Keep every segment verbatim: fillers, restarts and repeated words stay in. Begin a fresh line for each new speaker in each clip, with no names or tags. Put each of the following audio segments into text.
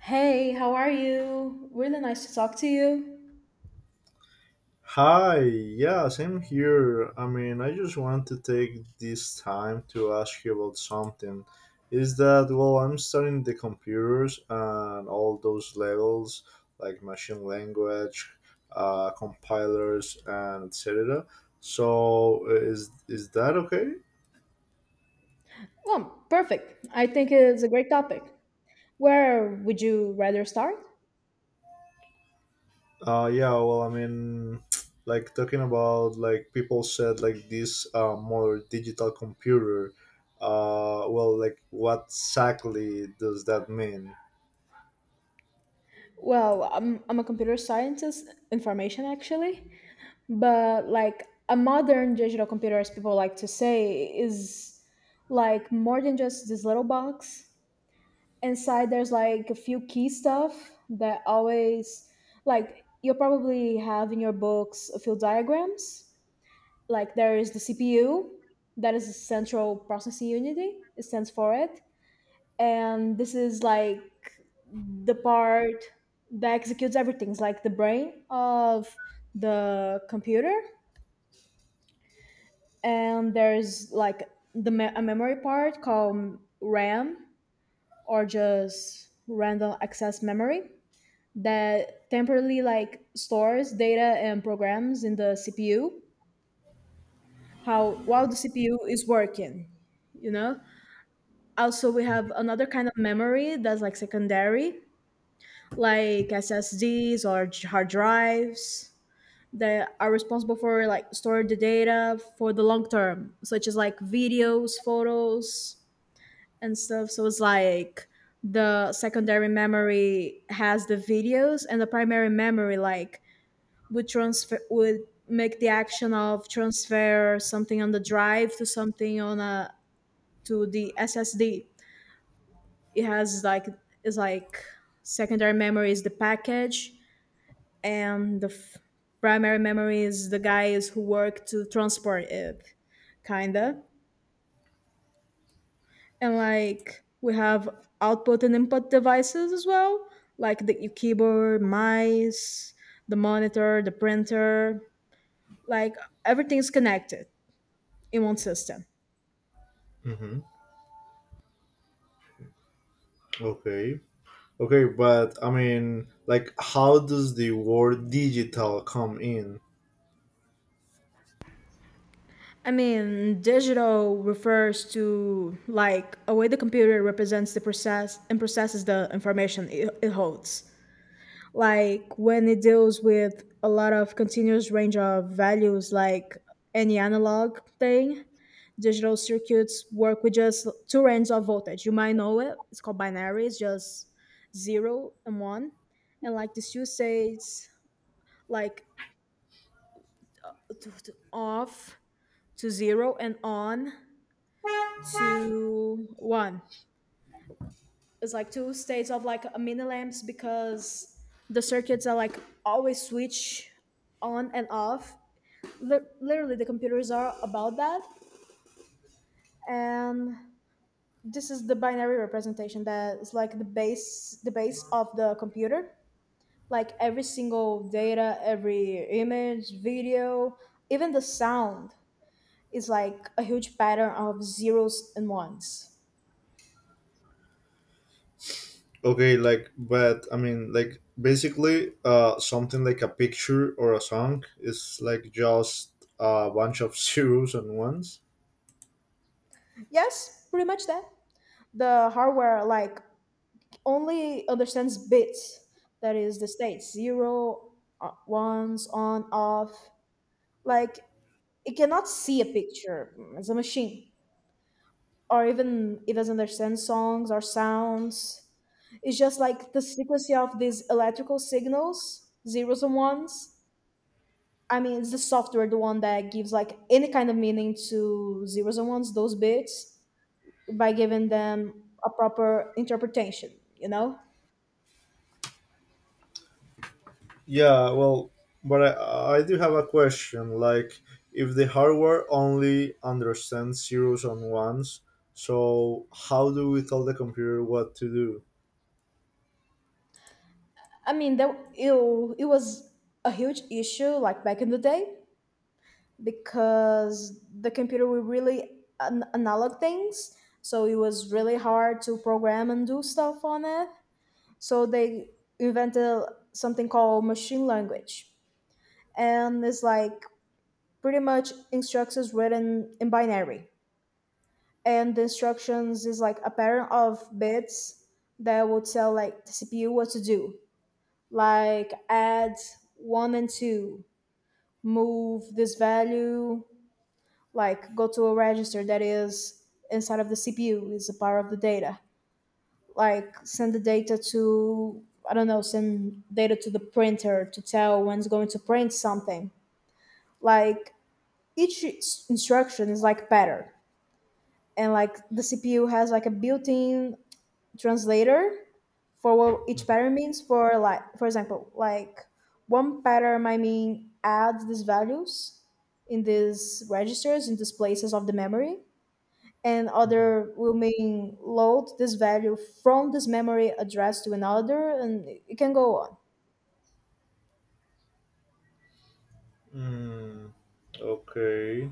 Hey, how are you? Really nice to talk to you.
Hi, yeah, same here. I mean, I just want to take this time to ask you about something. Is that, well, I'm studying the computers and all those levels like machine language, uh, compilers, and et cetera. So, uh, is is that okay?
Well, perfect. I think it's a great topic. Where would you rather start?
Uh, yeah, well, I mean, like talking about like people said like this uh, more digital computer. Uh, well, like what exactly does that mean?
Well, I'm, I'm a computer scientist, information actually, but like a modern digital computer, as people like to say, is like more than just this little box. Inside, there's like a few key stuff that always, like, you'll probably have in your books a few diagrams like there is the C P U that is the central processing unit it stands for it, and this is like the part that executes everything. It's like the brain of the computer, and there's like the me- a memory part called RAM, or just random access memory, that temporarily like stores data and programs in the C P U how while the C P U is working, you know also, we have another kind of memory that's like secondary, like S S Ds or j- hard drives that are responsible for like storing the data for the long term, such as like videos, photos, and stuff. So it's like the secondary memory has the videos, and the primary memory like would transfer would make the action of transfer something on the drive to something on a to the S S D. It has like, it's like, secondary memory is the package, and the f- primary memory is the guys who work to transport it, kinda. And like we have output and input devices as well, like the keyboard, mice, the monitor, the printer, like everything's connected in one system.
Mm-hmm. Okay. Okay, but I mean, like, how does the word digital come in?
I mean, digital refers to like a way the computer represents the process and processes the information it, it holds. Like when it deals with a lot of continuous range of values, like any analog thing, digital circuits work with just two ranges of voltage. You might know it. It's called binary. It's just zero and one. And like the two states, like t- t- off to zero and on to one. It's like two states of like a mini lamps, because the circuits are like always switch on and off. Li- literally, the computers are about that, and this is the binary representation that is like the base, the base of the computer. Like every single data, every image, video, even the sound is like a huge pattern of zeros and ones.
Okay, like, but I mean, like, basically, uh, something like a picture or a song is like just a bunch of zeros and ones.
Yes, pretty much that. The hardware like only understands bits, that is the states, zero, uh, ones, on, off. Like it cannot see a picture as a machine, or even it doesn't understand songs or sounds. It's just like the sequence of these electrical signals, zeros and ones. I mean, it's the software, the one that gives like any kind of meaning to zeros and ones, those bits, by giving them a proper interpretation, you know?
Yeah, well, but I, I do have a question. Like, if the hardware only understands zeros and ones, so how do we tell the computer what to do?
I mean, that it, it was a huge issue like back in the day, because the computer would really an- analog things, so it was really hard to program and do stuff on it. So they invented something called machine language, and it's like pretty much instructions written in binary, and the instructions is like a pattern of bits that would tell like the C P U what to do, like add one and two, move this value, like go to a register that is inside of the C P U, is a part of the data. Like send the data to, I don't know, send data to the printer to tell when it's going to print something. Like each instruction is like pattern. And like the C P U has like a built in translator for what each pattern means, for like for example like one pattern might mean add these values in these registers in these places of the memory, and
Mm-hmm.
other will mean load this value from this memory address to another, and it can go on.
Mm, okay.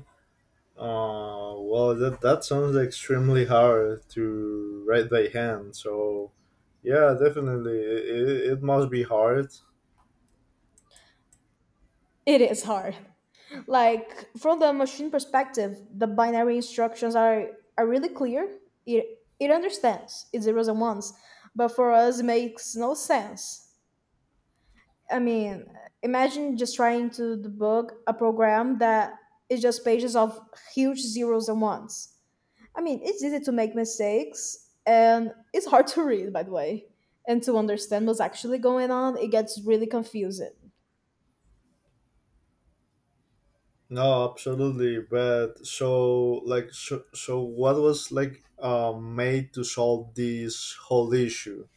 Uh, well, that, that sounds extremely hard to write by hand. So, yeah, definitely. It, it, it must be hard.
It is hard. Like from the machine perspective the binary instructions are are really clear, it it understands it's zeros and ones, but for us it makes no sense. I mean, imagine just trying to debug a program that is just pages of huge zeros and ones. I mean, it's easy to make mistakes and it's hard to read, by the way, and to understand what's actually going on. It gets really confusing.
No, absolutely. But so, like, so, so what was like um, made to solve this whole issue?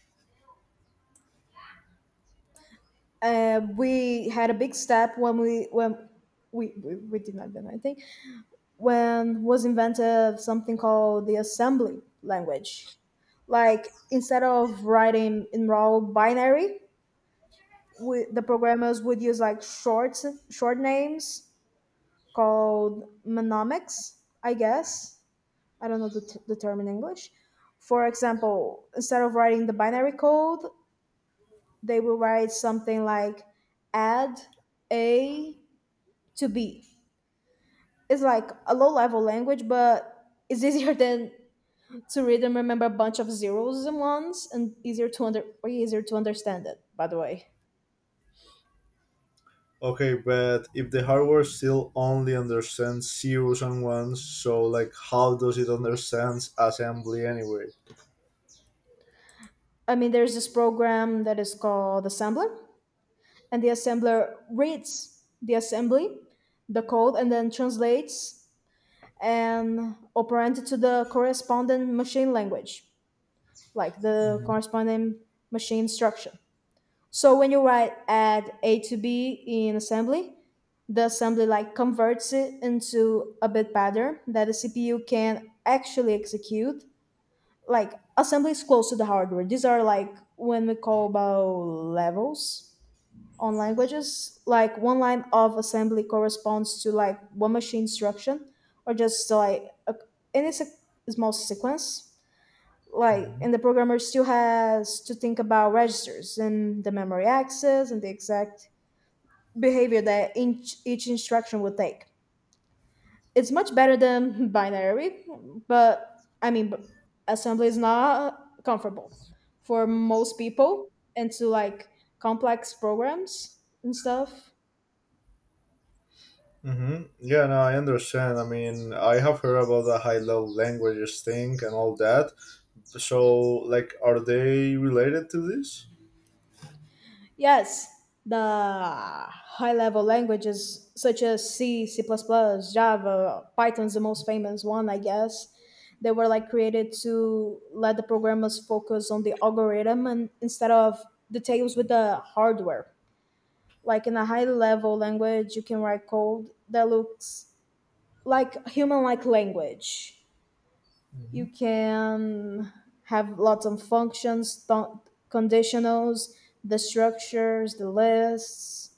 Uh, we had a big step when we when we, we, we did not, then I think when was invented something called the assembly language. Like instead of writing in raw binary, we, the programmers would use like short short names called mnemonics, I guess. I don't know the, t- the term in English. For example, instead of writing the binary code, they will write something like add A to B. It's like a low level language, but it's easier than to read and remember a bunch of zeros and ones, and easier to under way easier to understand it by the way.
Okay, but if the hardware still only understands zeros and ones, so like, how does it understand assembly anyway?
I mean, there's this program that is called assembler, and the assembler reads the assembly, the code, and then translates and operand to the corresponding machine language, like the
hmm
corresponding machine instruction. So when you write add A to B in assembly, the assembly like converts it into a bit pattern that the C P U can actually execute. Like assembly is close to the hardware. These are like when we call about levels on languages, like one line of assembly corresponds to like one machine instruction, or just like a, any se- small sequence like.
hmm
And the programmer still has to think about registers and the memory access and the exact behavior that each, each instruction would take. It's much better than binary, but i mean but assembly is not comfortable for most people, and to like complex programs and stuff.
Mm-hmm. Yeah, no, I understand. I mean, I have heard about the high level languages thing and all that. So, like, are they related to this?
Yes, the high level languages such as C, C, Java, Python's the most famous one, I guess. They were like created to let the programmers focus on the algorithm and instead of details with the hardware. Like in a high level language, you can write code that looks like human like language. You can have lots of functions, th- conditionals, the structures, the lists.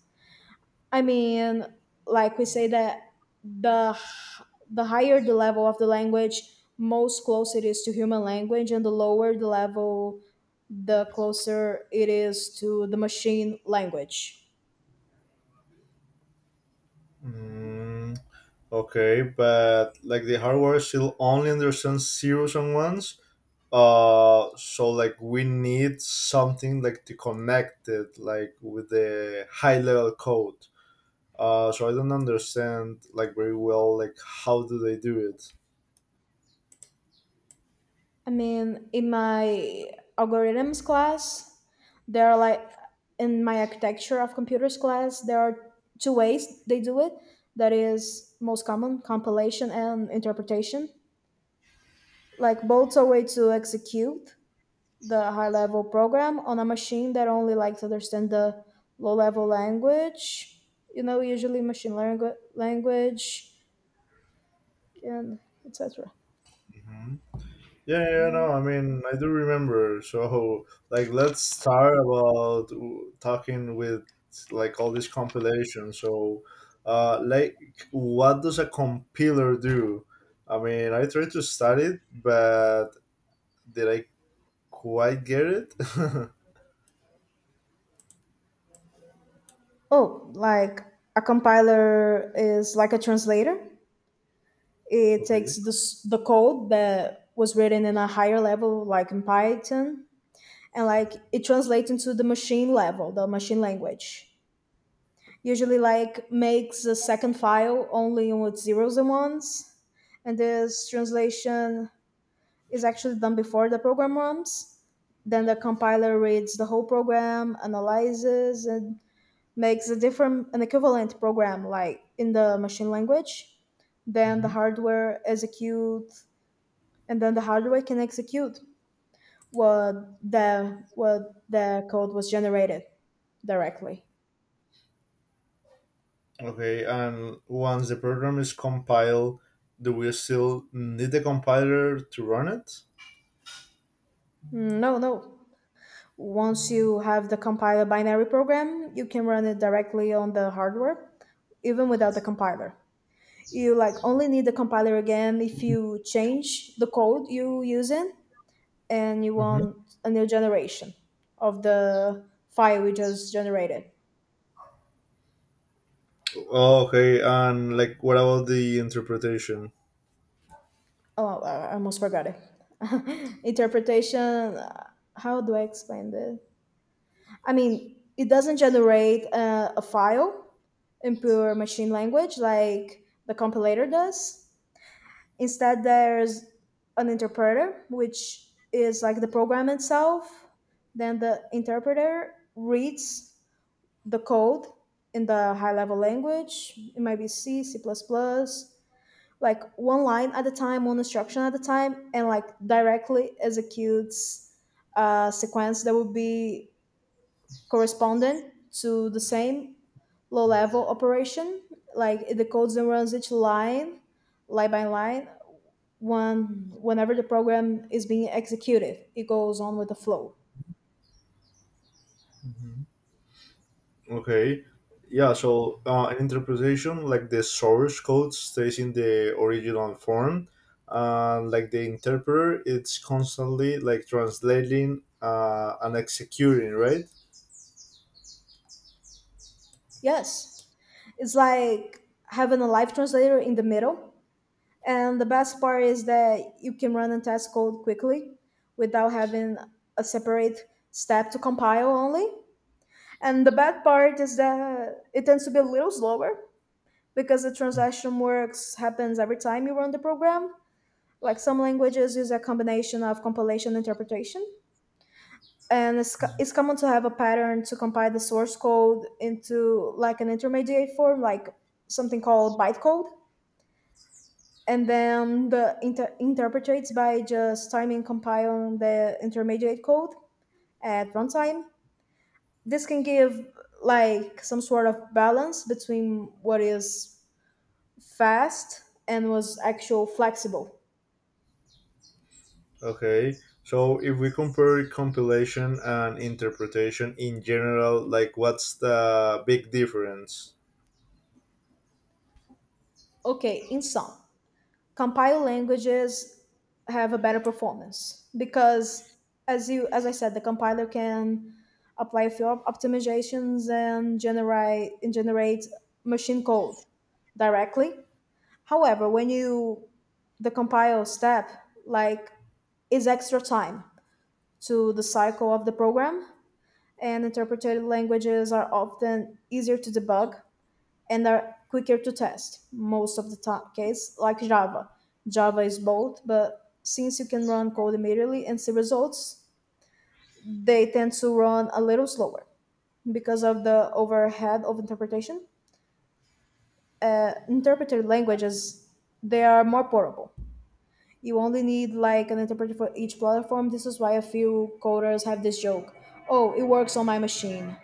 I mean, like we say that the h- the higher the level of the language, most close it is to human language, and the lower the level, the closer it is to the machine language.
Hmm. Okay, but like the hardware still only understands zeros and ones. Uh, so like we need something like to connect it like with the high level code. Uh, so I don't understand like very well like how do they do it.
I mean, in my algorithms class, there are like in my architecture of computers class, there are two ways they do it. That is most common compilation and interpretation. Like both are way to execute the high level program on a machine that only likes to understand the low level language, you know, usually machine langu- language, and etc.
Mhm. Yeah, yeah, yeah, no, I mean, I do remember. So, like, let's start about w- talking with like all these compilations. So, uh, like, what does a compiler do? I mean, I tried to study it, but did I quite get it?
Oh, like a compiler is like a translator. It takes
Okay.
this, the code that was written in a higher level like in Python, and like it translates into the machine level, the machine language, usually like makes a second file only with zeros and ones. And this translation is actually done before the program runs. Then the compiler reads the whole program, analyzes, and makes a different, an equivalent program like in the machine language. Then the
Hmm.
hardware execute, and then the hardware can execute what the what the code was generated, directly.
Okay, and once the program is compiled, do we still need the compiler to run it?
No, no. Once you have the compiler binary program, you can run it directly on the hardware, even without the compiler. You like only need the compiler again if you change the code you using, and you
Hmm.
want a new generation of the file we just generated.
Okay, and like, what about the interpretation?
Oh, I I almost forgot it. Interpretation. uh, How do I explain this? I mean, it doesn't generate uh, a file in pure machine language like the compilator does. Instead, there's an interpreter, which is like the program itself. Then the interpreter reads the code in the high level language. It might be C, C, like one line at a time, one instruction at a time, and like directly executes a sequence that would be correspondent to the same low level operation, like the code that runs each line line by line one whenever the program is being executed it goes on with the flow.
Mhm. Okay. Yeah, so uh, an interpretation like the source code stays in the original form, and like the interpreter, it's constantly like translating uh, and executing, right?
Yes, it's like having a live translator in the middle, and the best part is that you can run and test code quickly without having a separate step to compile only. And the bad part is that it tends to be a little slower, because the
Mm.
translation works happens every time you run the program. Like some languages use a combination of compilation and interpretation. And it's, co- it's common to have a pattern to compile the source code into like an intermediate form, like something called bytecode. And then the inter- interpretates by just timing compiling the intermediate code at runtime. This can give like some sort of balance between what is fast and was actual flexible.
Okay. So if we compare compilation and interpretation in general, like what's the big difference?
Okay, in sum, compiled languages have a better performance because as you as I said, the compiler can apply a few op- optimizations and generate and generate machine code directly. However, when you the compile step, like, is extra time to the cycle of the program, and interpreted languages are often easier to debug and are quicker to test most of the time, case like java. Java is both, but since you can run code immediately and see results, they tend to run a little slower because of the overhead of interpretation. Uh, interpreted languages, they are more portable. You only need like an interpreter for each platform. This is why a few coders have this joke: oh, it works on my machine.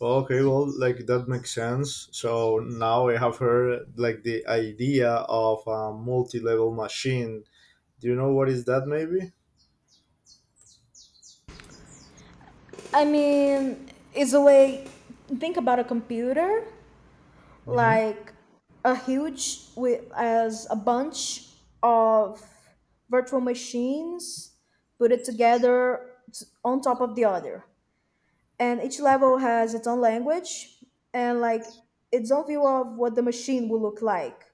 Well, okay, well, like that makes sense. So now I have heard like the idea of a multi-level machine. Do you know what is that? Maybe.
I mean, it's a way. Think about a computer
Mm-hmm.
like a huge with as a bunch of virtual machines put it together t- on top of the other, and each level has its own language and like its own view of what the machine will look like.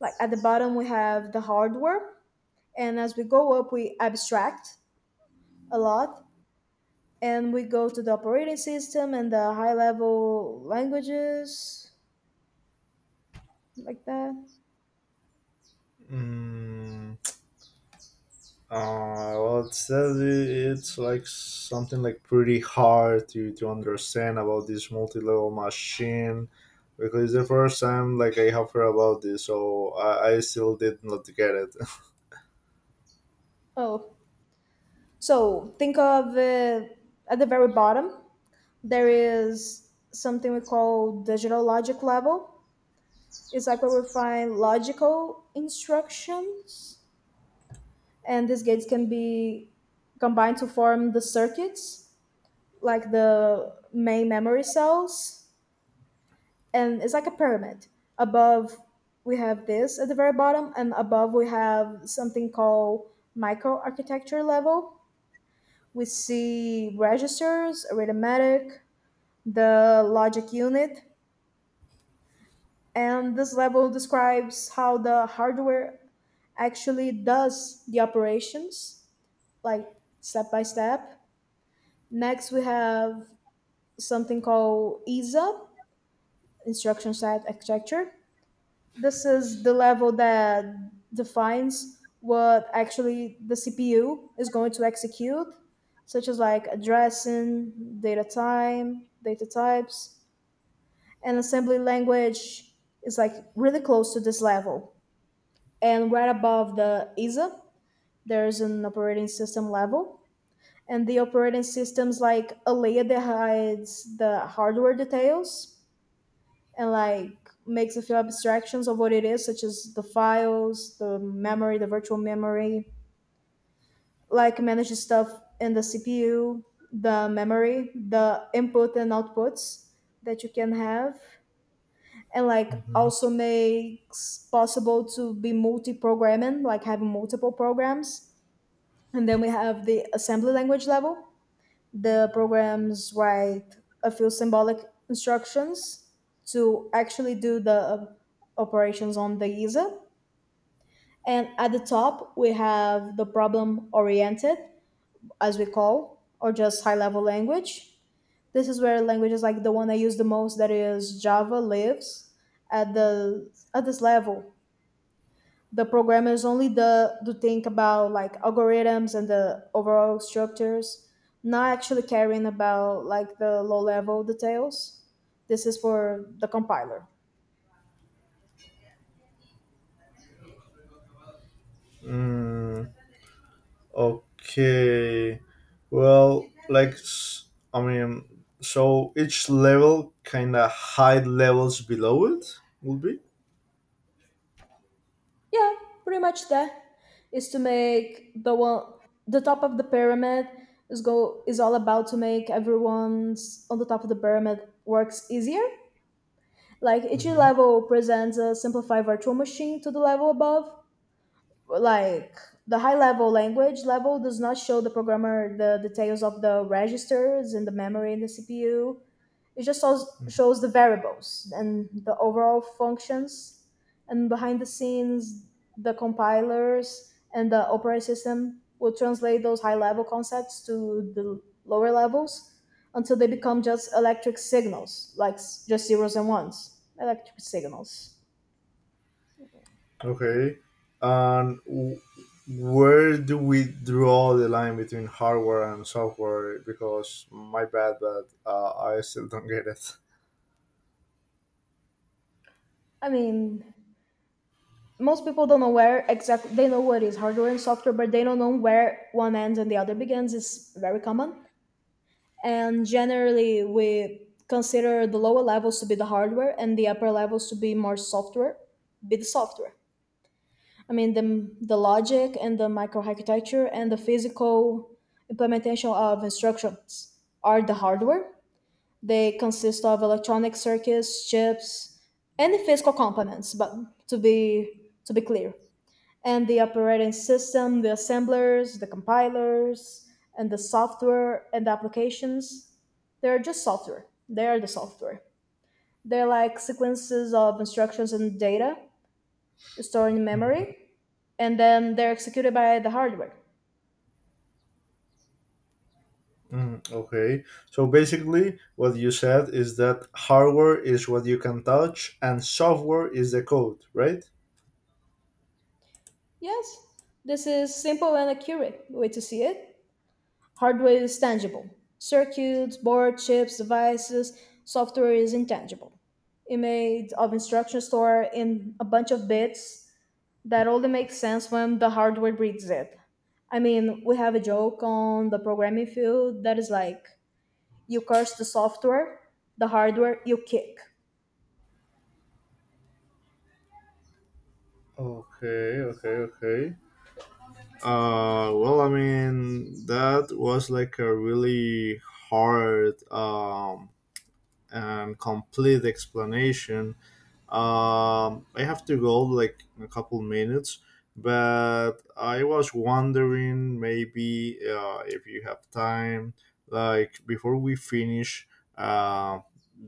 Like at the bottom, we have the hardware, and as we go up, we abstract a lot and we go to the operating system and the high level languages like that.
Mm, Uh, well, it says it's like something like pretty hard to, to understand about this multi-level machine because it's the first time like I have heard about this, so I, I still did not get it.
Oh, so think of it. At the very bottom there is something we call digital logic level. It's like where we find logical instructions, and these gates can be combined to form the circuits, like the main memory cells, and it's like a pyramid. Above we have this at the very bottom, and above we have something called microarchitecture level. We see registers, arithmetic, the logic unit, and this level describes how the hardware actually does the operations, like step by step. Next, we have something called I S A, instruction set architecture. This is the level that defines what actually the C P U is going to execute, such as like addressing, data time, data types, and assembly language is like really close to this level. And right above the I S A, there's an operating system level. And the operating system's like a layer that hides the hardware details and like makes a few abstractions of what it is, such as the files, the memory, the virtual memory, like manages stuff in the C P U, the memory, the input and outputs that you can have. And like
Hmm.
also makes possible to be multi-programming, like having multiple programs. And then we have the assembly language level, the programs write a few symbolic instructions to actually do the uh, operations on the user. And at the top, we have the problem oriented, as we call, or just high level language. This is where languages like the one I use the most, that is Java, lives at the at this level. The programmers only the do think about like algorithms and the overall structures, not actually caring about like the low level details. This is for the compiler.
Mm, okay. Well, like, s- I mean, so each level kind of hide levels below it, would be?
Yeah, pretty much that is to make the one the top of the pyramid is go is all about to make everyone's on the top of the pyramid works easier. Like each
Hmm.
level presents a simplified virtual machine to the level above, like the high level language level does not show the programmer the details of the registers and the memory in the C P U. It just shows, shows the variables and the overall functions, and behind the scenes the compilers and the operating system will translate those high level concepts to the lower levels until they become just electric signals, like s- just zeros and ones electric signals.
Okay. And w- where do we draw the line between hardware and software? Because my bad, but uh, I still don't get it.
I mean, most people don't know where exactly, they know what is hardware and software but they don't know where one ends and the other begins, is very common. And generally we consider the lower levels to be the hardware and the upper levels to be more software be the software. I mean, the, the logic and the microarchitecture and the physical implementation of instructions are the hardware. They consist of electronic circuits, chips, and the physical components, but to be to be clear, and the operating system, the assemblers, the compilers, and the software and the applications. They're just software. They are the software. They're like sequences of instructions and data stored in
Mhm.
memory, and then they're executed by the hardware.
Mm, okay. So basically, what you said is that hardware is what you can touch, and software is the code, right?
Yes, this is simple and accurate way to see it. Hardware is tangible. Circuits, board, chips, devices, software is intangible. It made of instructions stored in a bunch of bits that only makes sense when the hardware breeds it. I mean, we have a joke on the programming field that is like, you curse the software, the hardware you kick.
Okay, okay, okay. Uh, well, I mean, that was like a really hard um, and complete explanation. Um, I have to go like in a couple minutes, but I was wondering maybe uh, if you have time, like before we finish uh,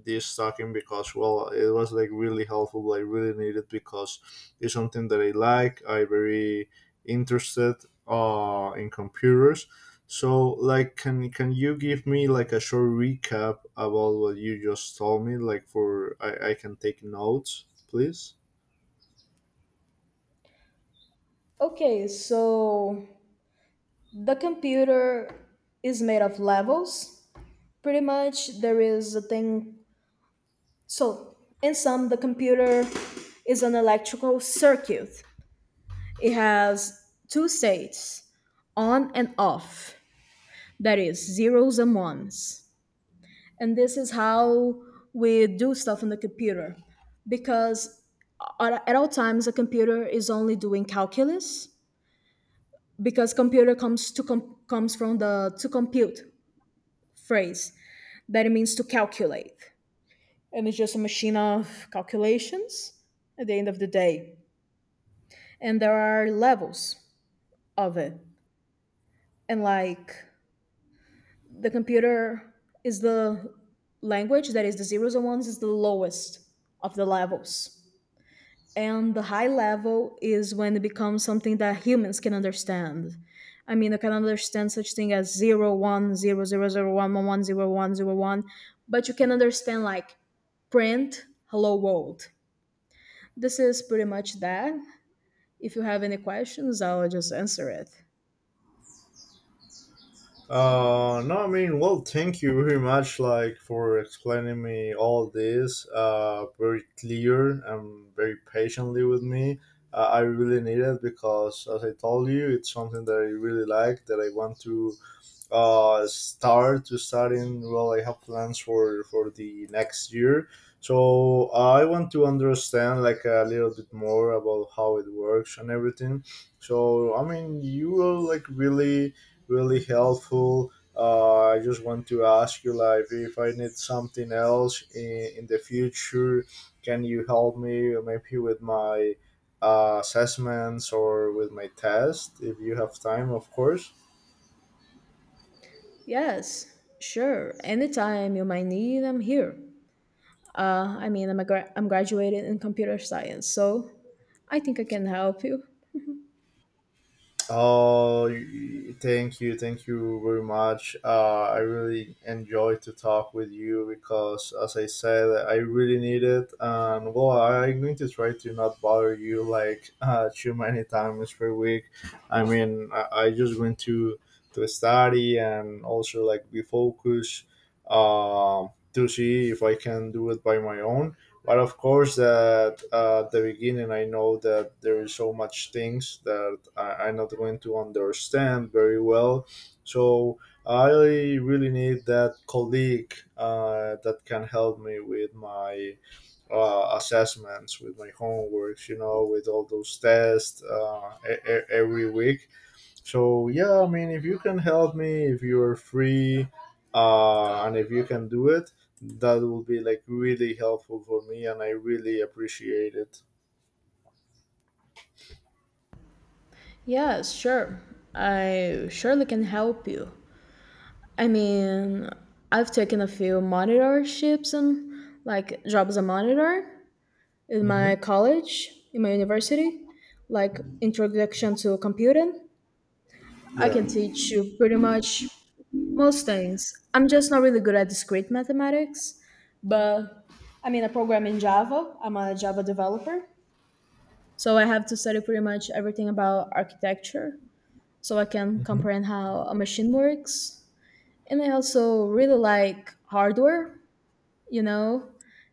this talking, because well, it was like really helpful. I really needed because it's something that I like. I very interested uh, in computers so, like, can can you give me like a short recap about what you just told me? Like, for I, I can take notes, please.
Okay, so the computer is made of levels. Pretty much, there is a thing. So, in sum, the computer is an electrical circuit. It has two states, on and off, that is, zeros and ones. And this is how we do stuff on the computer, because at at all times a computer is only doing calculus, because computer comes to com- comes from the to compute phrase, that it means to calculate, and it's just a machine of calculations at the end of the day. And there are levels of it, and like the computer is the language that is the zeros and ones is the lowest of the levels, and the high level is when it becomes something that humans can understand. I mean, I can understand such thing as zero one zero zero zero one one one zero one zero one, but you can understand like print hello world. This is pretty much that. If you have any questions, I'll just answer it.
Uh, no, I mean, well, thank you very much, like, for explaining me all this. Uh, very clear and very patiently with me. Uh, I really need it because, as I told you, it's something that I really like that I want to uh, start to studying. Well, I have plans for for the next year, so I want to understand like a little bit more about how it works and everything. So I mean, you were like really, really helpful. Uh, I just want to ask you like if I need something else in, in the future, can you help me maybe with my uh, assessments or with my test if you have time, of course.
Yes, sure, anytime you might need, I'm here. uh, I mean, i'm a gra- i'm graduated in computer science, so I think I can help you.
Oh, y- thank you, thank you very much. Uh, I really enjoyed to talk with you because, as I said, I really need it, and well, I'm going to try to not bother you like uh, too many times per week. I mean, I, I just went to to study and also like be focused um, to see if I can do it by my own, but of course that uh, at the beginning I know that there is so much things that I, i'm not going to understand very well, so I really need that colleague uh, that can help me with my uh, assessments with my homeworks, you know, with all those tests uh, e- e- every week. So yeah, I mean if you can help me if you're free, uh and if you can do it, that will be like really helpful for me and I really appreciate it.
Yes, sure. I surely can help you. I mean, I've taken a few monitorships and like job as a monitor in my
Hmm.
college, in my university, like introduction to computing. I
Yeah.
can teach you pretty much most things. I'm just not really good at discrete mathematics, but I mean, I program in Java. I'm a Java developer. So I have to study pretty much everything about architecture so I can
Hmm.
comprehend how a machine works. And I also really like hardware, you know,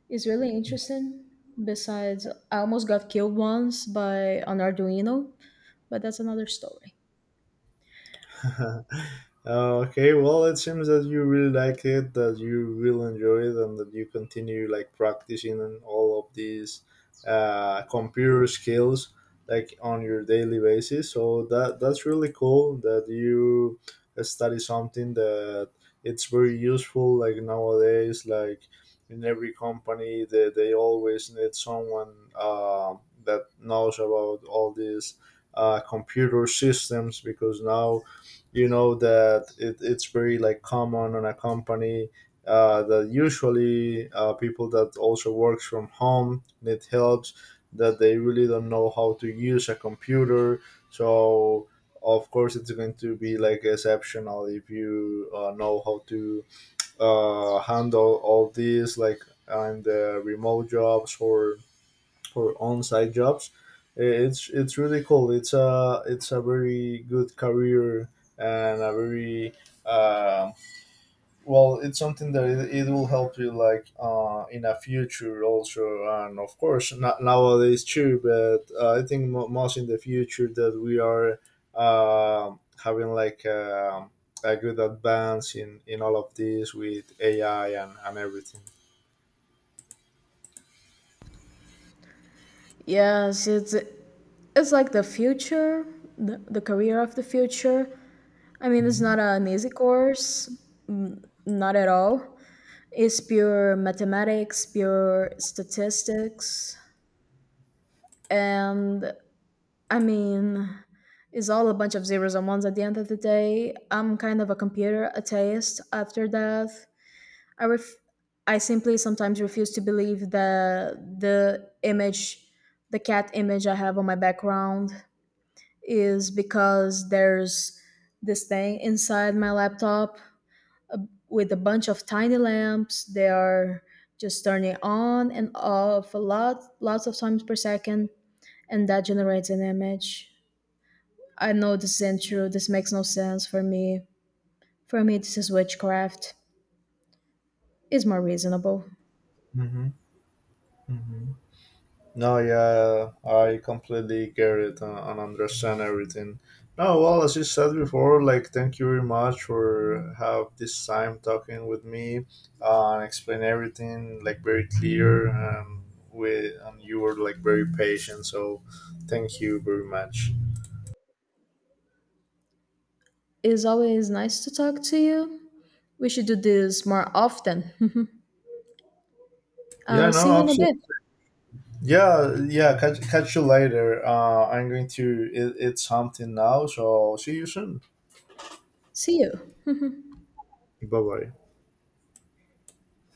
it's really interesting. Besides, I almost got killed once by an Arduino, but that's another story.
Okay, well, it seems that you really like it, that you will enjoy it, and that you continue like practicing on all of these uh, computer skills like on your daily basis. So that that's really cool that you study something that it's very useful. Like nowadays, like in every company, they, they always need someone uh, that knows about all these uh, computer systems because now you know that it, it's very like common on a company uh, that usually uh, people that also works from home need helps that they really don't know how to use a computer, so of course it's going to be like exceptional if you uh, know how to uh, handle all these like and the remote jobs or for on-site jobs. Uh, It's it's really cool. It's a it's a very good career and a very uh, well. It's something that it, it will help you like uh, in a future also, and of course not nowadays too. But uh, I think mo- most in the future that we are um having like um a good advance in in all of this with A I and and everything.
Yes, it's it's like the future, the, the career of the future. I mean, it's not
Mm.
an easy course, not at all. It's pure mathematics, pure statistics, and I mean, it's all a bunch of zeros and ones at the end of the day. I'm kind of a computer atheist after death. I ref- I simply sometimes refuse to believe that the image, the cat image I have on my background, is because there's this thing inside my laptop with a bunch of tiny lamps. They are just turning on and off a lot, lots of times per second, and that generates an image. I know this isn't true. This makes no sense for me. For me, this is witchcraft. It's more reasonable.
Mm-hmm. Mm-hmm. No, yeah, I completely get it and, and understand everything. No, well, as you said before, like, thank you very much for have this time talking with me uh, and explain everything like very clear and with and you were like very patient. So, thank you very much.
It's always nice to talk to you. We should do this more often.
Yeah,
I'll see
no,
you in a
absolutely.
bit.
Yeah, yeah. Catch, catch you later. Uh, I'm going to eat, eat something now. So see you soon.
See you.
Bye bye.